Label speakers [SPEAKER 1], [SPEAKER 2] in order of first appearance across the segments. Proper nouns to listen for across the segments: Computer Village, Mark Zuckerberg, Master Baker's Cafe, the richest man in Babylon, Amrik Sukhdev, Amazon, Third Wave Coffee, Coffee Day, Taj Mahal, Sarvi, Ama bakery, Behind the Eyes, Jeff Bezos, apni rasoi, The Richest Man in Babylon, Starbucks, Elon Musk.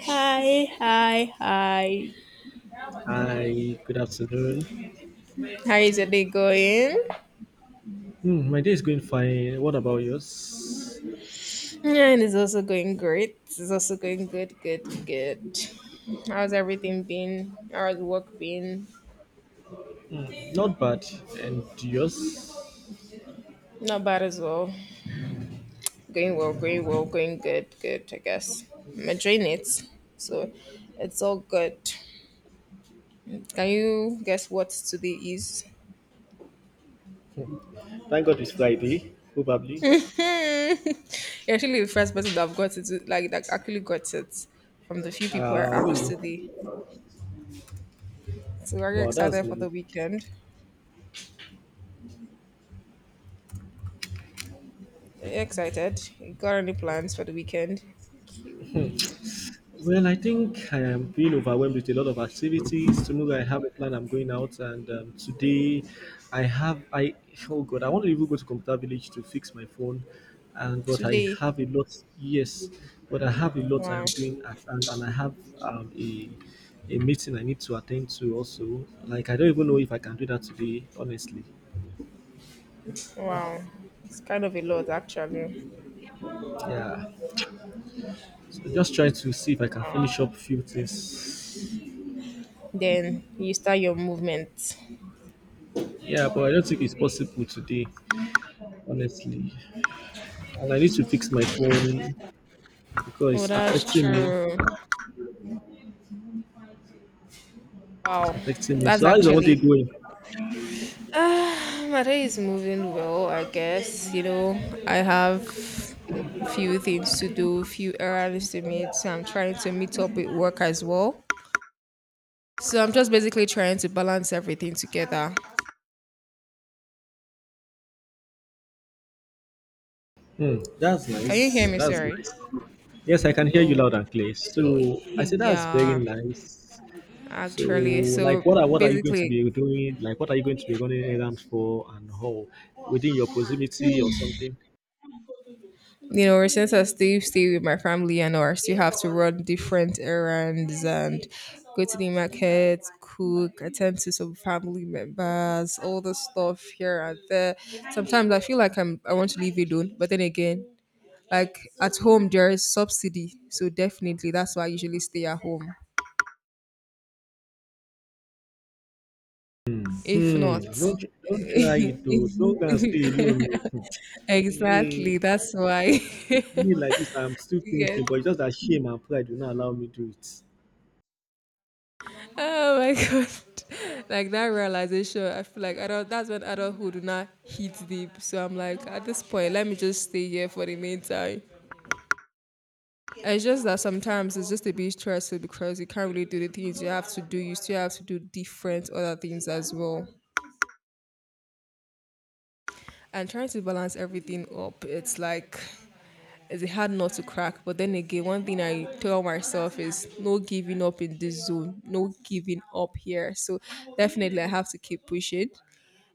[SPEAKER 1] Hi, hi, hi.
[SPEAKER 2] Hi, good afternoon.
[SPEAKER 1] How is your day going?
[SPEAKER 2] My day is going fine. What about yours?
[SPEAKER 1] Yeah, and it's also going great. It's also going good, good, good. How's everything been? How's work been?
[SPEAKER 2] Hmm, not bad. And yours?
[SPEAKER 1] Not bad as well. Going well, going well, going good, good, I guess. I'm enjoying it. So it's all good. Can you guess what today is?
[SPEAKER 2] Thank God it's Friday, probably.
[SPEAKER 1] You're actually the first person that I've got it, like, that actually got it from the few people I asked
[SPEAKER 2] Hmm,
[SPEAKER 1] today. So are you
[SPEAKER 2] wow, that's
[SPEAKER 1] excited for
[SPEAKER 2] nice.
[SPEAKER 1] the weekend? Are you excited? Got any plans for the weekend?
[SPEAKER 2] Well, I think I am being overwhelmed with a lot of activities. Tomorrow I have a plan. I'm going out, and today, I have I oh god, I want to even go to Computer Village to fix my phone, and but I
[SPEAKER 1] Today.
[SPEAKER 2] have a lot. Yes, but I have a lot I
[SPEAKER 1] Wow.
[SPEAKER 2] am doing at and I have a meeting I need to attend to also. Like I don't even know if I can do that today, honestly.
[SPEAKER 1] Wow. It's kind of a lot actually.
[SPEAKER 2] Yeah, so just trying to see if I can
[SPEAKER 1] Wow.
[SPEAKER 2] finish up few things.
[SPEAKER 1] Then you start your movement.
[SPEAKER 2] Yeah, but I don't think it's possible today, honestly. And I need to fix my phone because
[SPEAKER 1] Oh,
[SPEAKER 2] it's
[SPEAKER 1] that's
[SPEAKER 2] affecting me.
[SPEAKER 1] true.
[SPEAKER 2] It's
[SPEAKER 1] Wow.
[SPEAKER 2] affecting me.
[SPEAKER 1] That's
[SPEAKER 2] So how is the whole day
[SPEAKER 1] actually
[SPEAKER 2] going?
[SPEAKER 1] Ah, my day is moving well, I guess. I have few things to do, few errands to meet. So I'm trying to meet up with work as well. So I'm just basically trying to balance everything together.
[SPEAKER 2] That's
[SPEAKER 1] Can you
[SPEAKER 2] nice.
[SPEAKER 1] hear me?
[SPEAKER 2] That's
[SPEAKER 1] Sorry.
[SPEAKER 2] nice. Yes, I can hear you
[SPEAKER 1] Oh,
[SPEAKER 2] loud and clear.
[SPEAKER 1] Y-
[SPEAKER 2] So I said that's very
[SPEAKER 1] Yeah,
[SPEAKER 2] nice. So
[SPEAKER 1] actually. So
[SPEAKER 2] like what are you going to
[SPEAKER 1] basically,
[SPEAKER 2] be doing? Like what are you going to be running errands for, and how within your proximity or something?
[SPEAKER 1] since I still stay with my family and I still have to run different errands and go to the market, cook, attend to some family members, all the stuff here and there. Sometimes I feel like I want to leave alone, but then again, like at home there is subsidy, so definitely that's why I usually stay at home. If
[SPEAKER 2] Hmm.
[SPEAKER 1] not,
[SPEAKER 2] Don't try it to don't go and stay alone. Oh. Eh,
[SPEAKER 1] exactly, that's why.
[SPEAKER 2] me like this, I'm still
[SPEAKER 1] Yes.
[SPEAKER 2] thinking, but it's just that shame and pride will not allow me to do it.
[SPEAKER 1] Oh my god! Like that realization, I feel like adult. That's when adulthood do not hit deep. So I'm like, at this point, let me just stay here for the meantime. It's just that sometimes it's just a bit stressful because you can't really do the things you have to do. You still have to do different other things as well. And trying to balance everything up, it's like it's hard not to crack. But then again, one thing I tell myself is no giving up in this zone, no giving up here. So definitely, I have to keep pushing.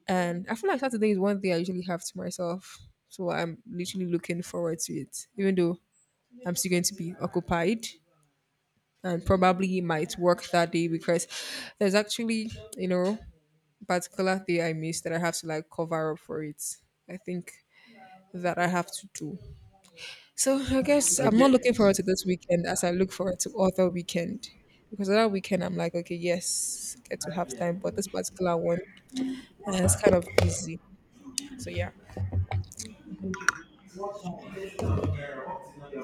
[SPEAKER 1] And I feel like Saturday is one day I usually have to myself. So I'm literally looking forward to it, even though I'm still going to be occupied and probably might work that day because there's actually, you know, particular day I missed that I have to like cover up for it. I think that I have to do. So I guess
[SPEAKER 2] I
[SPEAKER 1] I'm not
[SPEAKER 2] get.
[SPEAKER 1] looking forward to this weekend as I look forward to other weekend. Because other weekend I'm like, okay, yes, get to have time, but this particular one is kind of busy. So yeah.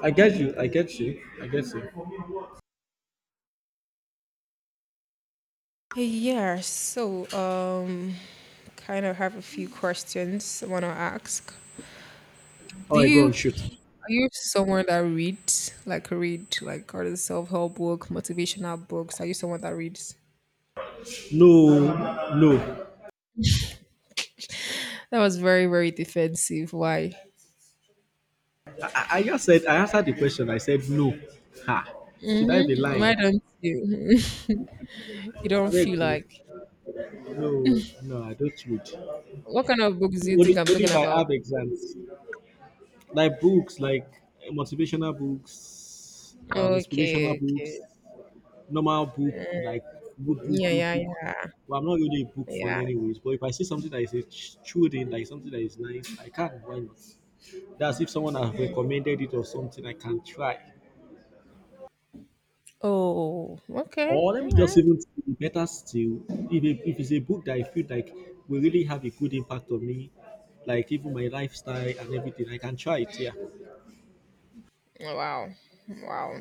[SPEAKER 2] I get you. I get you. I get you.
[SPEAKER 1] Yeah, so kind of have a few questions I want to ask.
[SPEAKER 2] Oh,
[SPEAKER 1] Do
[SPEAKER 2] I go
[SPEAKER 1] you
[SPEAKER 2] on, shoot.
[SPEAKER 1] are you someone that reads like read like or the self-help book, motivational books? Are you someone that reads?
[SPEAKER 2] No, no.
[SPEAKER 1] That was very very defensive. Why?
[SPEAKER 2] I just said I answered the question. I said no. Ha. Should I be
[SPEAKER 1] Hmm.
[SPEAKER 2] lying?
[SPEAKER 1] Why don't you? You
[SPEAKER 2] I
[SPEAKER 1] don't
[SPEAKER 2] beg
[SPEAKER 1] feel
[SPEAKER 2] you.
[SPEAKER 1] like
[SPEAKER 2] No, no, I don't read.
[SPEAKER 1] what kind of books do you
[SPEAKER 2] Only,
[SPEAKER 1] think I'm
[SPEAKER 2] only
[SPEAKER 1] talking
[SPEAKER 2] if I
[SPEAKER 1] about?
[SPEAKER 2] have exams, like books, like motivational books, inspirational
[SPEAKER 1] Okay,
[SPEAKER 2] books,
[SPEAKER 1] okay.
[SPEAKER 2] normal book,
[SPEAKER 1] Mm,
[SPEAKER 2] like good book,
[SPEAKER 1] yeah,
[SPEAKER 2] book,
[SPEAKER 1] yeah,
[SPEAKER 2] book.
[SPEAKER 1] yeah,
[SPEAKER 2] Well, I'm not really a book fan,
[SPEAKER 1] yeah.
[SPEAKER 2] anyways. But if I see something that is a true thing, like something that is nice, I can. Why not? That's if someone has recommended it or something I can try.
[SPEAKER 1] Oh, okay.
[SPEAKER 2] Or let me
[SPEAKER 1] All
[SPEAKER 2] just
[SPEAKER 1] right.
[SPEAKER 2] even think better still, if it's a book that I feel like will really have a good impact on me, like even my lifestyle and everything, I can try it. Yeah.
[SPEAKER 1] Oh, wow. Wow.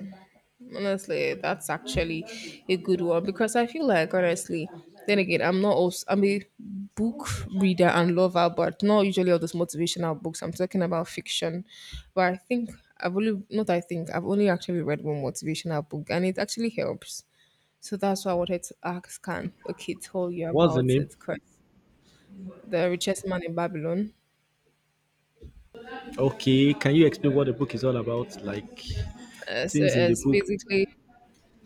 [SPEAKER 1] Honestly, that's actually a good one because I feel like honestly, then again, I'm not also I'm a book reader and lover, but not usually all those motivational books. I'm talking about fiction. But I think I've only not I think I've only actually read one motivational book and it actually helps. So that's why I wanted to ask. Can okay tell you
[SPEAKER 2] What's the
[SPEAKER 1] about
[SPEAKER 2] name?
[SPEAKER 1] it? Because The Richest Man in Babylon.
[SPEAKER 2] Okay. Can you explain what the book is all about? Like
[SPEAKER 1] So
[SPEAKER 2] things in the
[SPEAKER 1] it's
[SPEAKER 2] book.
[SPEAKER 1] basically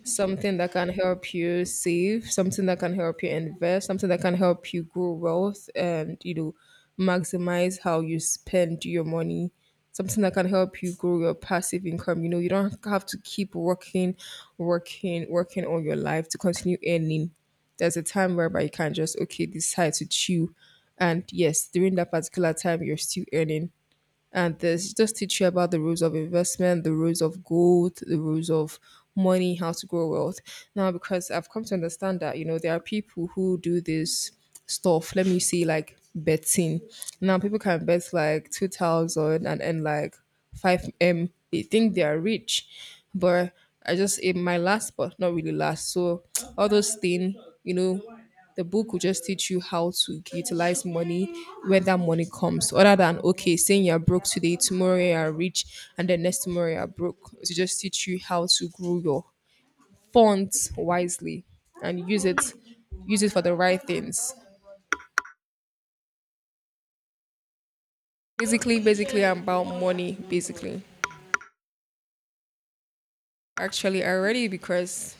[SPEAKER 1] something that can help you save, something that can help you invest, something that can help you grow wealth and, maximize how you spend your money, something that can help you grow your passive income. You know, you don't have to keep working, working, working all your life to continue earning. There's a time whereby you can just, okay, decide to chew. And yes, during that particular time, you're still earning and this just teach you about the rules of investment, the rules of gold, the rules of money, how to grow wealth. Now, because I've come to understand that, there are people who do this stuff. Let me see, like betting. Now, people can bet like 2,000 and earn like 5M. They think they are rich, but I just, in my last, but not really last. So, all those things, you know, the book will just teach you how to utilize money where that money comes, other than okay, saying you're broke today, tomorrow you're rich, and the next tomorrow you're broke. To just teach you how to grow your funds wisely and use it for the right things. Basically, basically I'm about money. Basically. Actually already because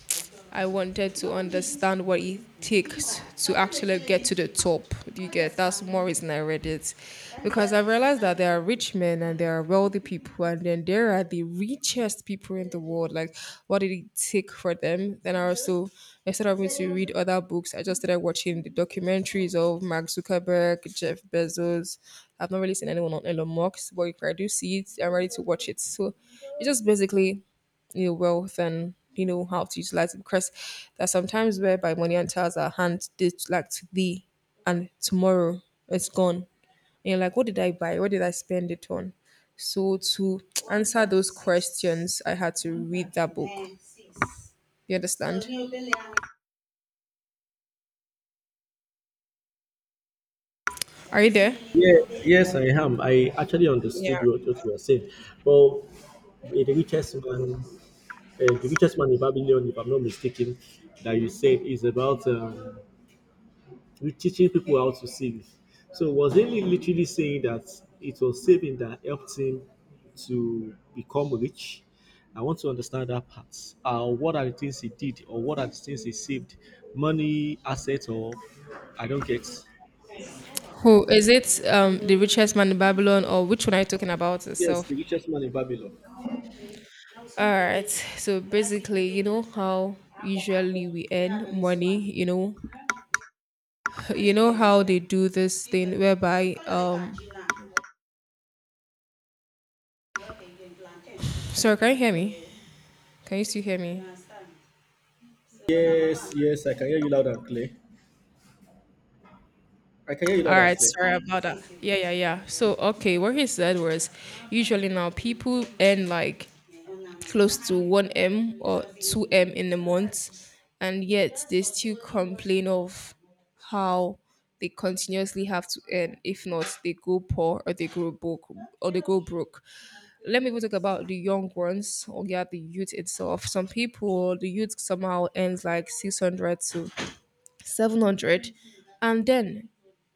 [SPEAKER 1] I wanted to understand what it takes to actually get to the top. You get that's more reason I read it. Because I realized that there are rich men and there are wealthy people and then there are the richest people in the world. Like what did it take for them? Then I also instead of me to read other books, I just started watching the documentaries of Mark Zuckerberg, Jeff Bezos. I've not really seen anyone on Elon Musk, but if I do see it, I'm ready to watch it. So it's just basically wealth and you know how to utilize it because there are sometimes where by money and tells our hand they like today and tomorrow it's gone and you're like what did I buy, what did I spend it on? So to answer those questions I had to read that book, you understand. Are you there?
[SPEAKER 2] Yeah, yes, I am. I actually understood
[SPEAKER 1] Yeah,
[SPEAKER 2] what you were saying. Well, eh, the richest man, uh, the richest man in Babylon, if I'm not mistaken, that you said is about, with teaching people how to save it. So was he literally saying that it was saving that helped him to become rich? I want to understand that part. What are the things he did, or what are the things he saved? Money, assets, or I don't get.
[SPEAKER 1] who is it, The Richest Man in Babylon, or which one are you talking about
[SPEAKER 2] Yes,
[SPEAKER 1] itself?
[SPEAKER 2] the richest man in Babylon.
[SPEAKER 1] All right, so basically you know how usually we earn money. You know how they do this thing whereby sorry, can you hear me? Can you still hear me? All
[SPEAKER 2] Yes, yes, I can hear you loud and clear. I can hear you loud and
[SPEAKER 1] right,
[SPEAKER 2] clear.
[SPEAKER 1] sorry about that. Yeah, yeah, yeah. So, okay, what he said was usually now people earn like close to 1M or 2M in a month, and yet they still complain of how they continuously have to earn. If not, they go poor or they go broke. Let me even talk about the young ones, or yeah, the youth itself. Some people, the youth, somehow earns like 600 to 700, and then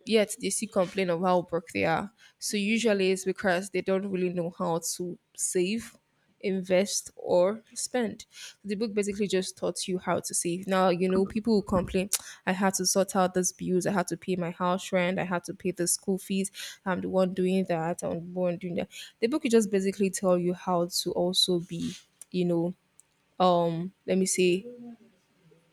[SPEAKER 1] yet they still complain of how broke they are. So usually it's because they don't really know how to save, invest, or spend. So, the book basically just taught you how to save. Now you know people who complain, I had to sort out these bills, I had to pay my house rent, I had to pay the school fees. I'm the one doing that. I'm the one doing that. The book will just basically tell you how to also be, you know, let me say,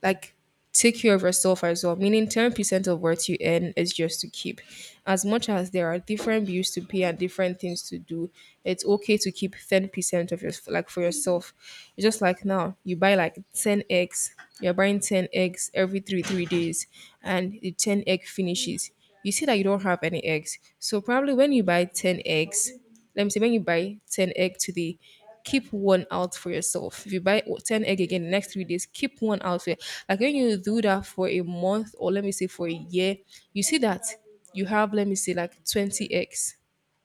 [SPEAKER 1] like, take care of yourself as well, meaning 10% of what you earn is just to keep. As much as there are different bills to pay and different things to do, it's okay to keep 10% of your like for yourself. It's just like now you buy like 10 eggs, you're buying 10 eggs every three days and the 10 egg finishes. You see that you don't have any eggs, so probably when you buy 10 eggs, let me say when you buy 10 egg today, keep one out for yourself. If you buy 10 egg again the next 3 days, keep one out for your- like when you do that for a month, or let me say for a year, you see that you have, let me say, like 20 eggs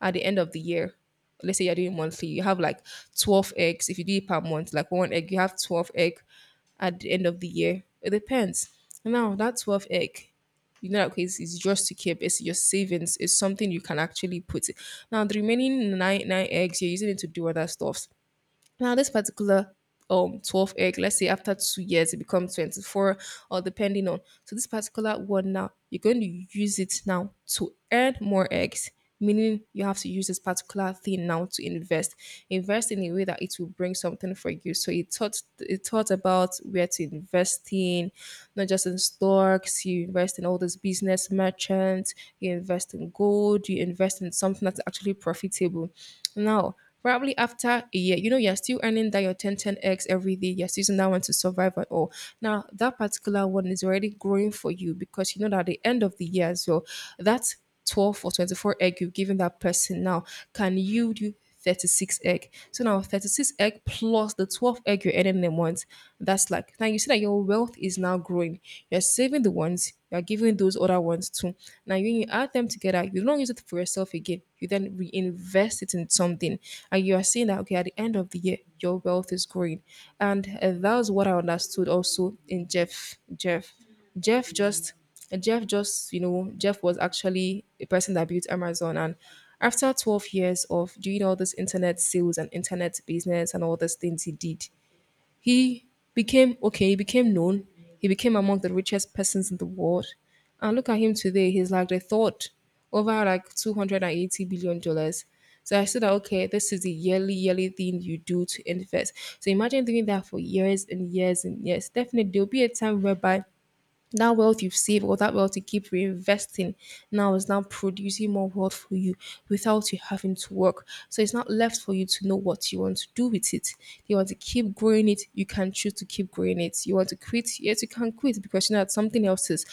[SPEAKER 1] at the end of the year. Let's say you're doing monthly, you have like 12 eggs. If you do it per month, like one egg, you have 12 egg at the end of the year. It depends. Now that 12 egg, okay, it's just to keep, it's your savings, it's something you can actually put it. Now, the remaining nine eggs, you're using it to do other stuff. Now, this particular 12 egg, let's say after 2 years it becomes 24 or depending on. So this particular one now, you're going to use it now to earn more eggs, meaning you have to use this particular thing now to invest. Invest in a way that it will bring something for you. So it taught, it taught about where to invest in, not just in stocks, you invest in all these business merchants, you invest in gold, you invest in something that's actually profitable. Now probably after a year, you're still earning that your ten 10x every day. You're still using that one to survive at all. Now, that particular one is already growing for you because you know that at the end of the year as well, that 12 or 24 egg you've given that person now can yield you 36 egg. So now 36 egg plus the 12 egg you're earning in a month, that's like now you see that your wealth is now growing. You're saving the ones, you are giving those other ones too. Now, when you add them together, you don't use it for yourself again. You then reinvest it in something, and you are seeing that okay, at the end of the year, your wealth is growing, and that was what I understood also in Jeff. Jeff just. Jeff was actually a person that built Amazon. And after 12 years of doing all this internet sales and internet business and all these things he did, he became okay. He became known. He became among the richest persons in the world. And look at him today. He's like the thought over like $280 billion. So I said that okay, this is the yearly thing you do to invest. So imagine doing that for years and years and years. Definitely, there'll be a time whereby that wealth you've saved or that wealth you keep reinvesting now is now producing more wealth for you without you having to work. So it's not left for you to know what you want to do with it. You want to keep growing it, you can choose to keep growing it. You want to quit, yes, you can quit because you know that something else is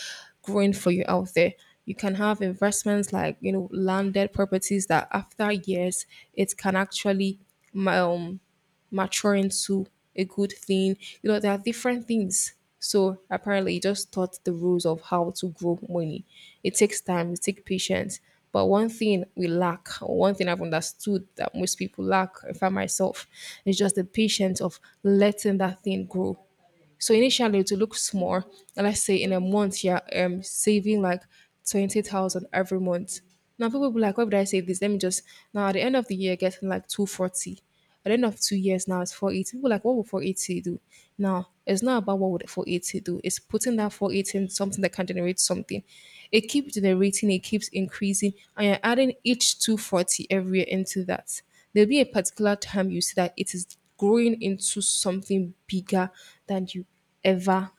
[SPEAKER 1] growing for you out there. You can have investments like you know landed properties that after years it can actually um mature into a good thing. You know, there are different things. So apparently, he just taught the rules of how to grow money. It takes time, it takes patience. But one thing we lack, or one thing I've understood that most people lack, if I myself, is just the patience of letting that thing grow. So initially it will look small. And let's say in a month you're saving like 20,000 every month. Now people will be like, why would I save this? Let me just now at the end of the year getting like 240. At the end of 2 years now it's 480. People are like, what would 480 do? Now it's not about what would 480 do. It's putting that 480 in something that can generate something. It keeps generating, it keeps increasing, and you're adding each 240 every year into that. There'll be a particular time you see that it is growing into something bigger than ever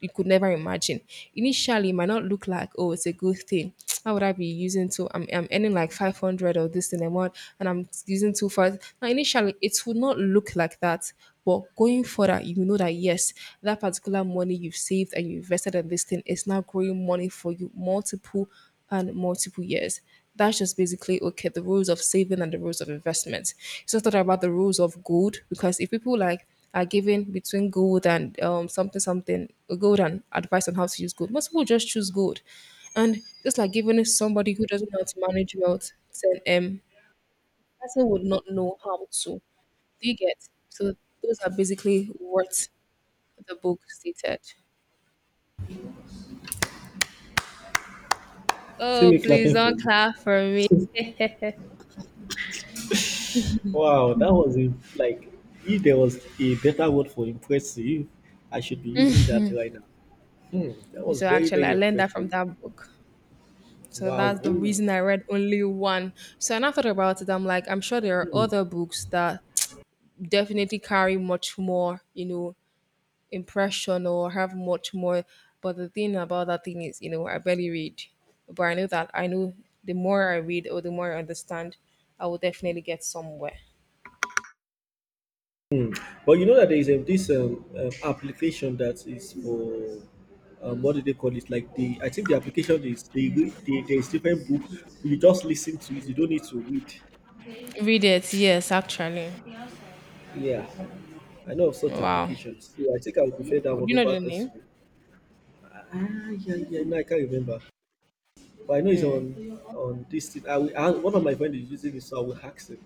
[SPEAKER 1] you could never imagine. Initially, it might not look like, oh, it's a good thing. How would I be using to? I'm earning like 500 or this in a month and I'm using two for. Now, initially, it would not look like that. But going further, you know that yes, that particular money you've saved and you invested in this thing is now growing money for you multiple and multiple years. That's just basically okay the rules of saving and the rules of investment. It's just not about the rules of gold, because if people like are given between gold and something gold and advice on how to use gold, most people just choose gold, and just like giving it somebody who doesn't know how to manage wealth, then person would not know how to. Do you get? So those are basically what the book stated.
[SPEAKER 2] See
[SPEAKER 1] Oh,
[SPEAKER 2] me
[SPEAKER 1] please
[SPEAKER 2] clapping for
[SPEAKER 1] don't
[SPEAKER 2] you.
[SPEAKER 1] clap for me.
[SPEAKER 2] Wow, that was like, if there was a better word for impressive, I should be using that right now. That was
[SPEAKER 1] So
[SPEAKER 2] very,
[SPEAKER 1] actually I
[SPEAKER 2] very
[SPEAKER 1] learned that
[SPEAKER 2] impressive.
[SPEAKER 1] from that book. So
[SPEAKER 2] Wow.
[SPEAKER 1] that's the
[SPEAKER 2] Woo.
[SPEAKER 1] reason I read only one. So and I thought about it, I'm like, I'm sure there are
[SPEAKER 2] Hmm.
[SPEAKER 1] other books that definitely carry much more, you know, impression or have much more. But the thing about that thing is, you know, I barely read. But I know that I know the more I read or the more I understand, I will definitely get somewhere.
[SPEAKER 2] Hmm. But you know that there is this application that is for, what do they call it? Like the I think the application is, they, re- they there is different book. You just listen to it. You don't need to read.
[SPEAKER 1] Read it, yes, actually.
[SPEAKER 2] Yeah, I know of such
[SPEAKER 1] Wow.
[SPEAKER 2] applications. So I think I would prefer that
[SPEAKER 1] Do
[SPEAKER 2] one
[SPEAKER 1] you know
[SPEAKER 2] over
[SPEAKER 1] the
[SPEAKER 2] this
[SPEAKER 1] name?
[SPEAKER 2] one. Ah, yeah, yeah. No, I can't remember. But I know it's on this thing. One of my friends is using it, so I will ask him.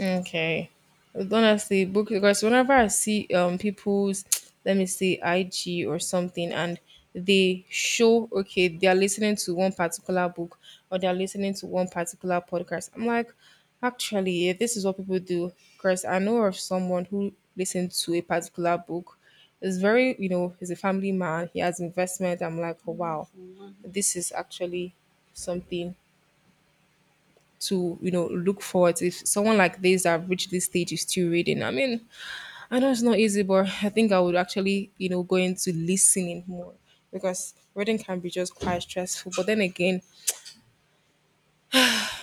[SPEAKER 1] Okay. But honestly, book because whenever I see people's let me say IG or something, and they show okay they are listening to one particular book or they are listening to one particular podcast. I'm like, actually, yeah, this is what people do. Because I know of someone who listened to a particular book. It's very you know he's a family man. He has investment. I'm like, oh, wow, this is actually something to you know look forward, if someone like this that have reached this stage is still reading. I mean, I know it's not easy, but I think I would actually, you know, go into listening more, because reading can be just quite stressful, but then again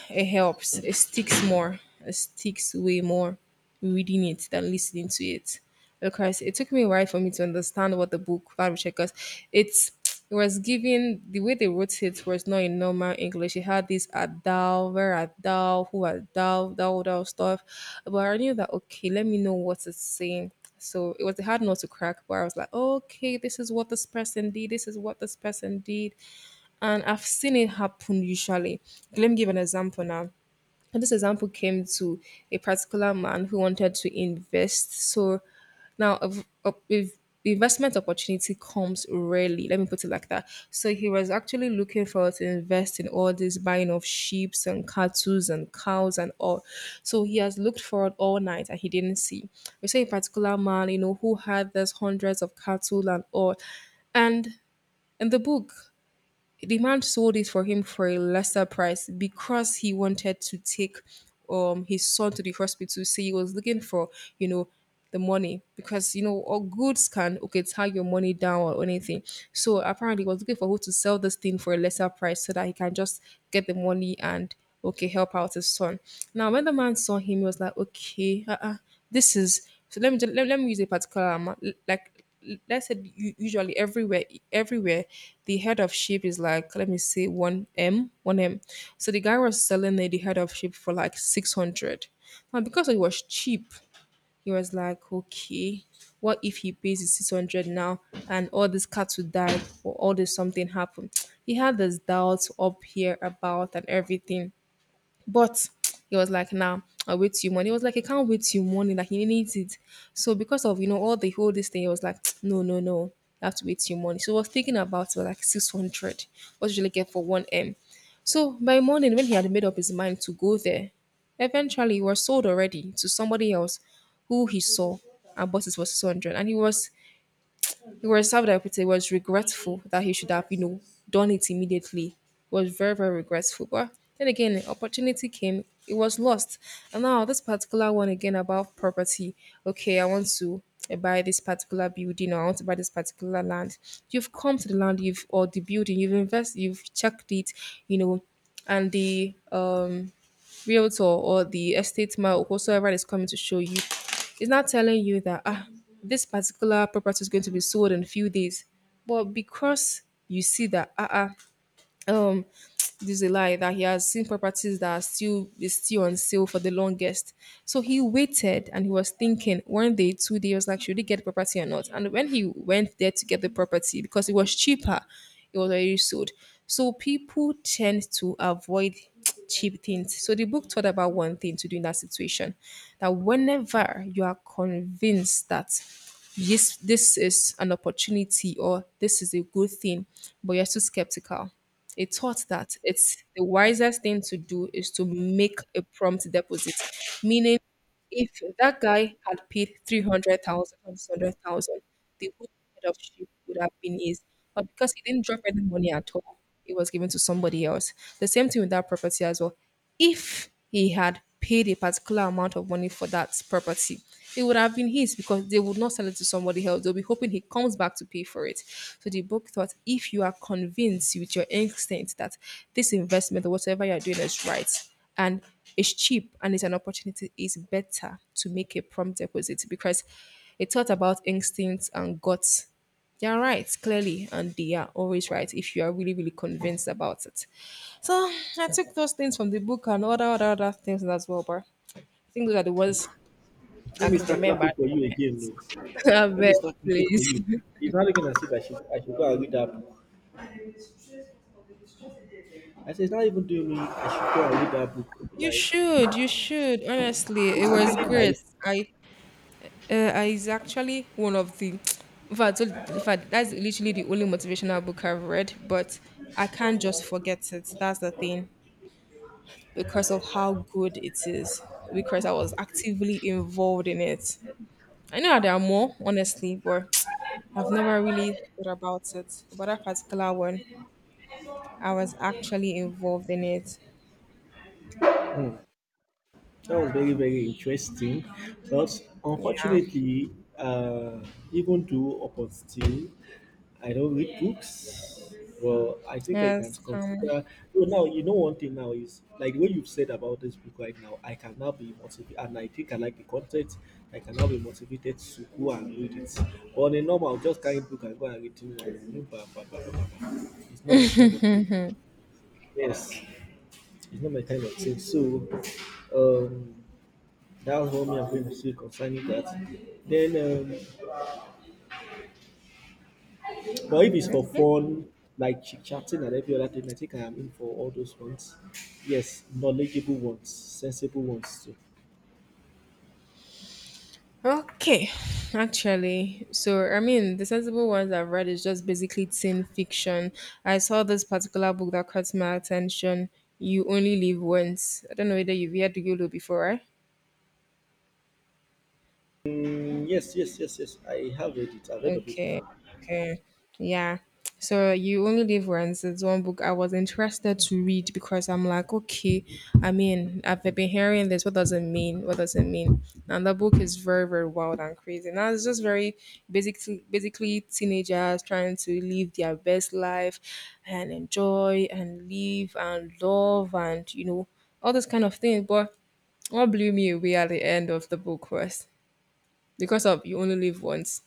[SPEAKER 1] it helps. It sticks more. It sticks way more reading it than listening to it. Because it took me a while for me to understand what the book value checkers. It's it was given the way they wrote it was not in normal English. It had this adal, where adal, who adal, that all that stuff. But I knew that okay, let me know what it's saying. So it was hard not to crack, but I was like, okay, this is what this person did, this is what this person did. And I've seen it happen usually. Let me give an example now, and this example came to a particular man who wanted to invest. So now, if investment opportunity comes rarely, let me put it like that. So he was actually looking for to invest in all this buying of sheep and cattle and cows and all. So he has looked for it all night and he didn't see. We saw a particular man, you know, who had this hundreds of cattle and all. And in the book, the man sold it for him for a lesser price because he wanted to take his son to the hospital. So he was looking for, you know, the money because you know all goods can okay tag your money down or anything. So apparently he was looking for who to sell this thing for a lesser price so that he can just get the money and okay help out his son. Now when the man saw him, he was like, okay, uh-uh, this is so let me let me use a particular amount like let's say usually everywhere the head of sheep is like let me see 1M so the guy was selling it, the head of sheep for like 600. Now because it was cheap he was like okay what if he pays his 600 now and all these cats would die or all this something happened. He had this doubts up here about and everything, but he was like, nah, I'll wait till morning. He was like, I can't wait till morning. Like, he needs it. So because of, you know, all the whole this thing, he was like, no, no, no. I have to wait till morning. So I was thinking about like 600. What usually get for 1M. So by morning, when he had made up his mind to go there, eventually he was sold already to somebody else who he saw and bought it for 600. And he was served up with it, was regretful that he should have, you know, done it immediately. Was very, very regretful. But then again, opportunity came, it was lost. And now this particular one again about property. Okay, I want to buy this particular building or I want to buy this particular land. You've come to the land you've or the building, you've invested, you've checked it, you know, and the realtor or the estate man, or whosoever is coming to show you, is not telling you that ah, this particular property is going to be sold in a few days. But because you see that um this is a lie that he has seen properties that are still on sale for the longest. So he waited and he was thinking one day, 2 days, he was like, should he get the property or not? And when he went there to get the property, because it was cheaper, it was already sold. So people tend to avoid cheap things. So the book taught about one thing to do in that situation that whenever you are convinced that this is an opportunity or this is a good thing, but you're too skeptical. A thought that it's the wisest thing to do is to make a prompt deposit, meaning if that guy had paid 300,000 or 600,000, the whole head of sheep would have been his. But because he didn't drop any money at all, it was given to somebody else. The same thing with that property as well. If he had paid a particular amount of money for that property, it would have been his because they would not sell it to somebody else. They'll be hoping he comes back to pay for it. So the book thought if you are convinced with your instinct that this investment or whatever you're doing is right, and it's cheap and it's an opportunity. It's better to make a prompt deposit because it taught about instincts and guts. They are right, clearly, and they are always right if you are really, really convinced about it. So I took those things from the book and other things as well, but I think those are the ones
[SPEAKER 2] Let
[SPEAKER 1] I
[SPEAKER 2] me
[SPEAKER 1] could
[SPEAKER 2] start
[SPEAKER 1] remember
[SPEAKER 2] clapping
[SPEAKER 1] at
[SPEAKER 2] for
[SPEAKER 1] the
[SPEAKER 2] you again. No.
[SPEAKER 1] moment. I
[SPEAKER 2] Let me
[SPEAKER 1] beg,
[SPEAKER 2] start clapping for you.
[SPEAKER 1] please.
[SPEAKER 2] He's not looking as if I should go and read that book. I said it's not even doing me, I should go and read that book.
[SPEAKER 1] You
[SPEAKER 2] Like
[SPEAKER 1] should, you should. Honestly,
[SPEAKER 2] it's
[SPEAKER 1] it was
[SPEAKER 2] actually
[SPEAKER 1] great.
[SPEAKER 2] nice.
[SPEAKER 1] I is actually one of the. In fact, that's literally the only motivational book I've read, but I can't just forget it. That's the thing because of how good it is. Because I was actively involved in it. I know there are more, honestly, but I've never really thought about it. But that particular one, I was actually involved in it.
[SPEAKER 2] Hmm. That was very, very interesting. But
[SPEAKER 1] Yeah.
[SPEAKER 2] unfortunately, uh, even though upon still, I don't read books. Well, I think I can
[SPEAKER 1] Yes.
[SPEAKER 2] consider. No, now you know one thing now is like what you've said about this book right now. I can now be motivated, and I think I like the content. I can now be motivated to go and read it. But on a normal, I'll just carry book and go and read it. Like, bah, bah, bah, bah, bah, bah. It's not my kind of thing. Yes, it's not my kind of thing. So, um, that was what me I'm going to say concerning that. Then, but if it's for
[SPEAKER 1] Okay.
[SPEAKER 2] fun, like chit chatting and every other thing, I think I am in for all those ones. Yes, knowledgeable ones, sensible ones too.
[SPEAKER 1] Okay, actually, so I mean, the sensible ones I've read is just basically teen fiction. I saw this particular book that caught my attention. You only live once. I don't know whether you've heard Yolo before, right?
[SPEAKER 2] Mm, yes, yes, yes, yes. I have read it. I've read of it
[SPEAKER 1] Okay,
[SPEAKER 2] before.
[SPEAKER 1] okay, yeah. So you only live once. It's one book I was interested to read because I'm like, okay, I mean, I've been hearing this. What does it mean? What does it mean? And the book is very, very wild and crazy. Now it's just very basically teenagers trying to live their best life and enjoy and live and love, and all this kind of thing. But what blew me away at the end of the book was, because of you only live once,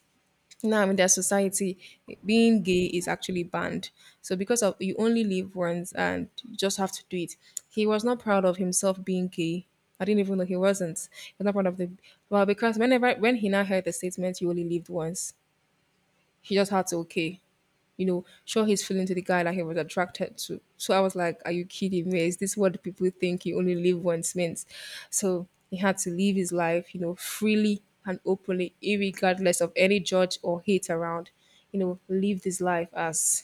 [SPEAKER 1] now in their society, being gay is actually banned. So because of you only live once and you just have to do it, he was not proud of himself being gay. I didn't even know he was not proud of the, well, because when he now heard the statement you only lived once, he just had to, okay, show his feeling to the guy that he was attracted to. So I was like, are you kidding me? Is this what the people think you only live once means? So he had to live his life, freely and openly, irregardless of any judge or hate around, live his life as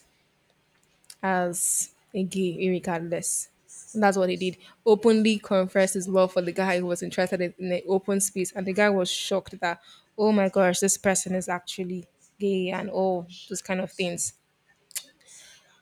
[SPEAKER 1] as a gay, irregardless. And that's what he did. Openly confessed his love for the guy who was interested in the open space. And the guy was shocked that, oh my gosh, this person is actually gay and all those kind of things.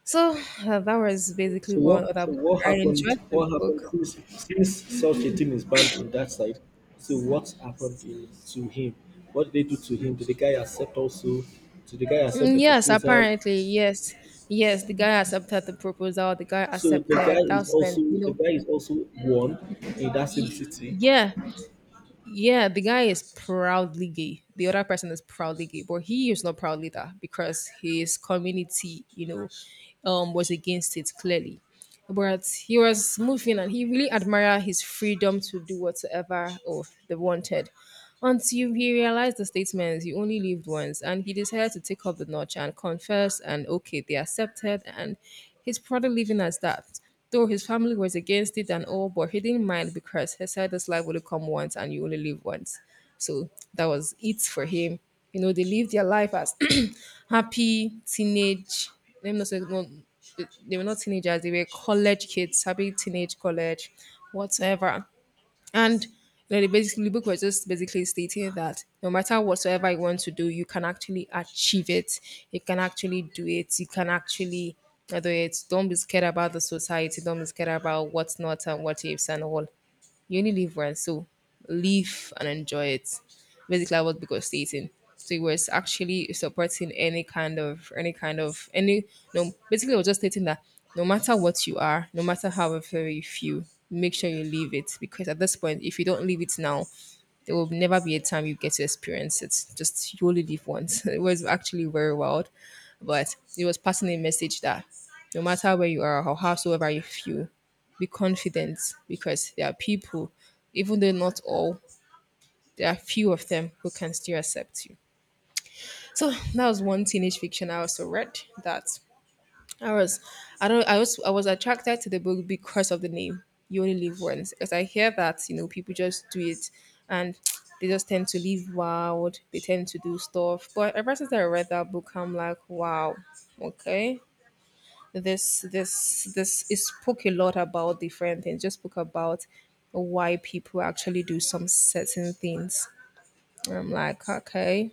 [SPEAKER 1] So that was basically
[SPEAKER 2] So
[SPEAKER 1] one
[SPEAKER 2] what?
[SPEAKER 1] other
[SPEAKER 2] So
[SPEAKER 1] book.
[SPEAKER 2] what
[SPEAKER 1] I
[SPEAKER 2] happened?
[SPEAKER 1] enjoyed the
[SPEAKER 2] What
[SPEAKER 1] book.
[SPEAKER 2] happened since such a thing is banned in that side? So what happened in, to him? What did they do to him? Did the guy accept also? Did the guy accept
[SPEAKER 1] Mm,
[SPEAKER 2] the
[SPEAKER 1] yes,
[SPEAKER 2] proposal?
[SPEAKER 1] apparently, yes, yes. The guy accepted the proposal. The guy
[SPEAKER 2] So the guy
[SPEAKER 1] accepted.
[SPEAKER 2] is
[SPEAKER 1] That's
[SPEAKER 2] also
[SPEAKER 1] when you
[SPEAKER 2] the
[SPEAKER 1] know.
[SPEAKER 2] guy is also one in that same
[SPEAKER 1] y-
[SPEAKER 2] city.
[SPEAKER 1] Yeah, yeah. The guy is proudly gay. The other person is proudly gay, but he is not proudly that because his community, was against it clearly. But he was moving and he really admired his freedom to do whatever, oh, they wanted. Until he realized the statement, you only lived once, and he decided to take up the notch and confess, and okay, they accepted, and he's probably living as that. Though his family was against it and all, but he didn't mind because he said this life would come once and you only live once. So that was it for him. You know, they lived their life as happy teenage. Let me not say, no, they were not teenagers. They were college kids, happy teenage college, whatever. And you know, the book was just basically stating that no matter whatsoever you want to do, you can actually achieve it. You can actually do it. You can actually. Do it. Don't be scared about the society, don't be scared about what's not and what ifs and all. You only live once, so live and enjoy it. Basically, I was because stating. So it was actually supporting any kind of any kind of any, no, basically I was just stating that no matter what you are, no matter how very few, make sure you live it because at this point if you don't live it now, there will never be a time you get to experience it. Just you only live once. It was actually very wild, but it was passing a message that no matter where you are or howsoever you feel, be confident because there are people, even though not all, there are few of them who can still accept you. So that was one teenage fiction I also read that I was I don't I was attracted to the book because of the name. You only live once. Because I hear that, people just do it and they just tend to live wild, they tend to do stuff. But ever since I read that book, I'm like, wow, okay, this it spoke a lot about different things, just spoke about why people actually do some certain things. I'm like, okay,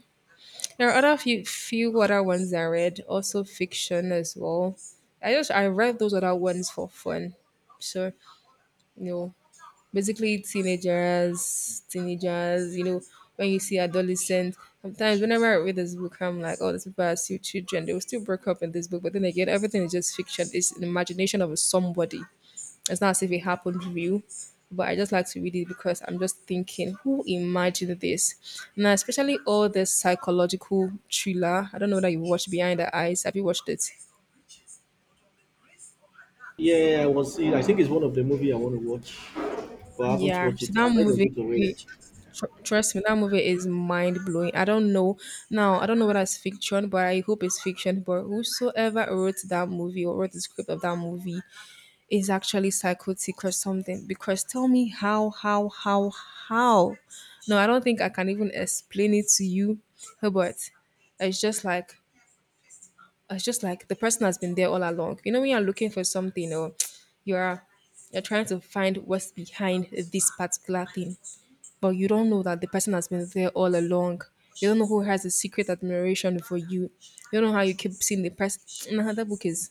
[SPEAKER 1] there are other few other ones I read also, fiction as well. I read those other ones for fun. So, you know, basically teenagers, teenagers, you know, when you see adolescents, sometimes whenever I read this book, I'm like, oh, these people are still children. They will still break up in this book. But then again, everything is just fiction. It's an imagination of somebody. It's not as if it happened real. But I just like to read it because I'm just thinking, who imagined this? Now, especially all this psychological thriller. I don't know that you watched Behind the Eyes. Have you watched it?
[SPEAKER 2] Yeah, I was seeing. I think it's one of the movie I want to watch, but I haven't
[SPEAKER 1] Yeah.
[SPEAKER 2] watched
[SPEAKER 1] So
[SPEAKER 2] it.
[SPEAKER 1] that
[SPEAKER 2] I've heard of
[SPEAKER 1] movie,
[SPEAKER 2] it already.
[SPEAKER 1] trust me, that movie is mind blowing. I don't know now. I don't know whether it's fiction, but I hope it's fiction. But whosoever wrote that movie or wrote the script of that movie is actually psychotic or something. Because tell me how, how? No, I don't think I can even explain it to you. But it's just like it's just like the person has been there all along. You know, when you're looking for something or you're you're trying to find what's behind this particular thing, but you don't know that the person has been there all along. You don't know who has a secret admiration for you. You don't know how you keep seeing the person. Nah, that book is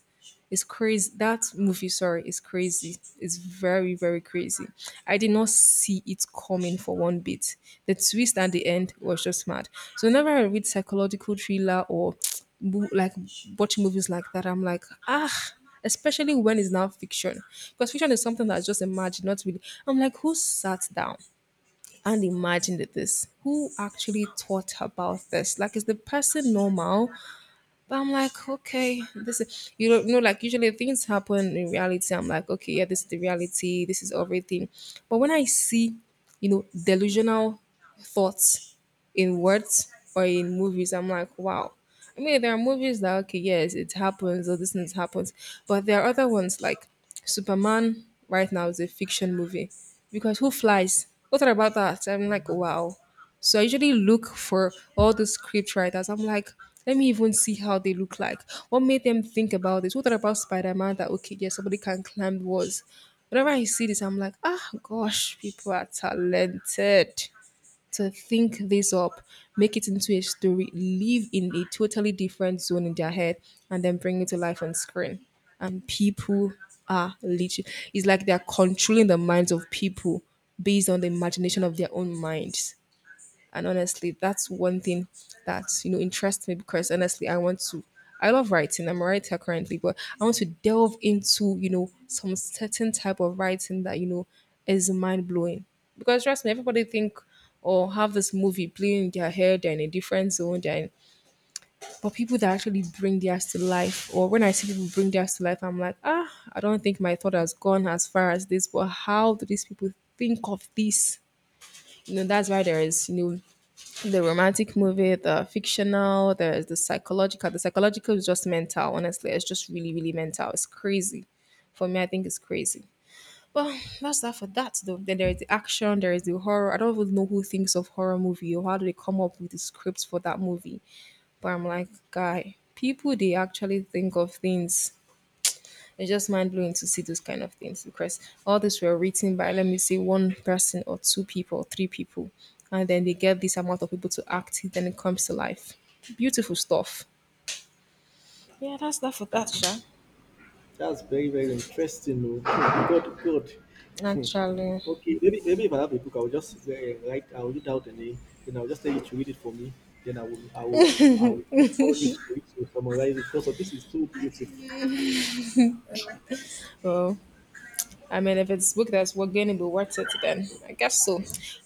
[SPEAKER 1] is crazy. That movie, sorry, is crazy. It's very, very crazy. I did not see it coming for one bit. The twist at the end was just mad. So whenever I read psychological thriller or like watch movies like that, I'm like, ah, especially when it's now fiction. Because fiction is something that's just imagined, not really. I'm like, who sat down and imagined this? Who actually thought about this? Like, is the person normal? But I'm like, okay, this is, you don't know, like usually things happen in reality. I'm like, okay, yeah, this is the reality, this is everything. But when I see, you know, delusional thoughts in words or in movies, I'm like, wow. I mean, there are movies that okay, yes, it happens or this thing happens, but there are other ones like Superman. Right now is a fiction movie, because who flies? What about that? I'm like, wow. So I usually look for all the script writers. I'm like, let me even see how they look like. What made them think about this? What about Spider Man, that okay, yes, somebody can climb walls? Whenever I see this, I'm like, ah, gosh, people are talented to think this up, make it into a story, live in a totally different zone in their head, and then bring it to life on screen. And people are literally, it's like they're controlling the minds of people based on the imagination of their own minds. And honestly, that's one thing that interests me, because honestly, I want to. I love writing. I'm a writer currently, but I want to delve into, some certain type of writing that is mind blowing. Because trust me, everybody think or have this movie playing in their head, they're in a different zone, they're in, but people that actually bring theirs to life, or when I see people bring theirs to life, I'm like, ah, I don't think my thought has gone as far as this, but how do these people think of this? You know, that's why there is, the romantic movie, the fictional, there's the psychological. The psychological is just mental, honestly. It's just really, really mental. It's crazy. For me, I think it's crazy. Well, that's that for that though. Then there is the action, there is the horror. I don't even know who thinks of horror movie or how do they come up with the scripts for that movie. But I'm like, guy, people, they actually think of things. It's just mind blowing to see those kind of things, because all these were written by, let me say, one person or two people, three people, and then they get this amount of people to act it, then it comes to life. Beautiful stuff. But that's sure.
[SPEAKER 2] That's very, very interesting. Oh. Good, good. Hmm.
[SPEAKER 1] Naturally.
[SPEAKER 2] Okay, maybe if I have a book, I will just write. I will read out the name. Then I will just tell you to read it for me. Then I will call you read, to summarize it because of this is so beautiful.
[SPEAKER 1] Well, I mean, if it's book that's we're going to be worth it, then I guess so.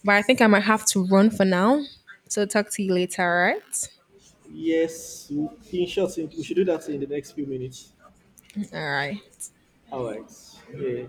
[SPEAKER 1] But I think I might have to run for now. So talk to you later, all right?
[SPEAKER 2] Yes, in short, we should do that in the next few minutes.
[SPEAKER 1] All right.
[SPEAKER 2] All right. Yeah.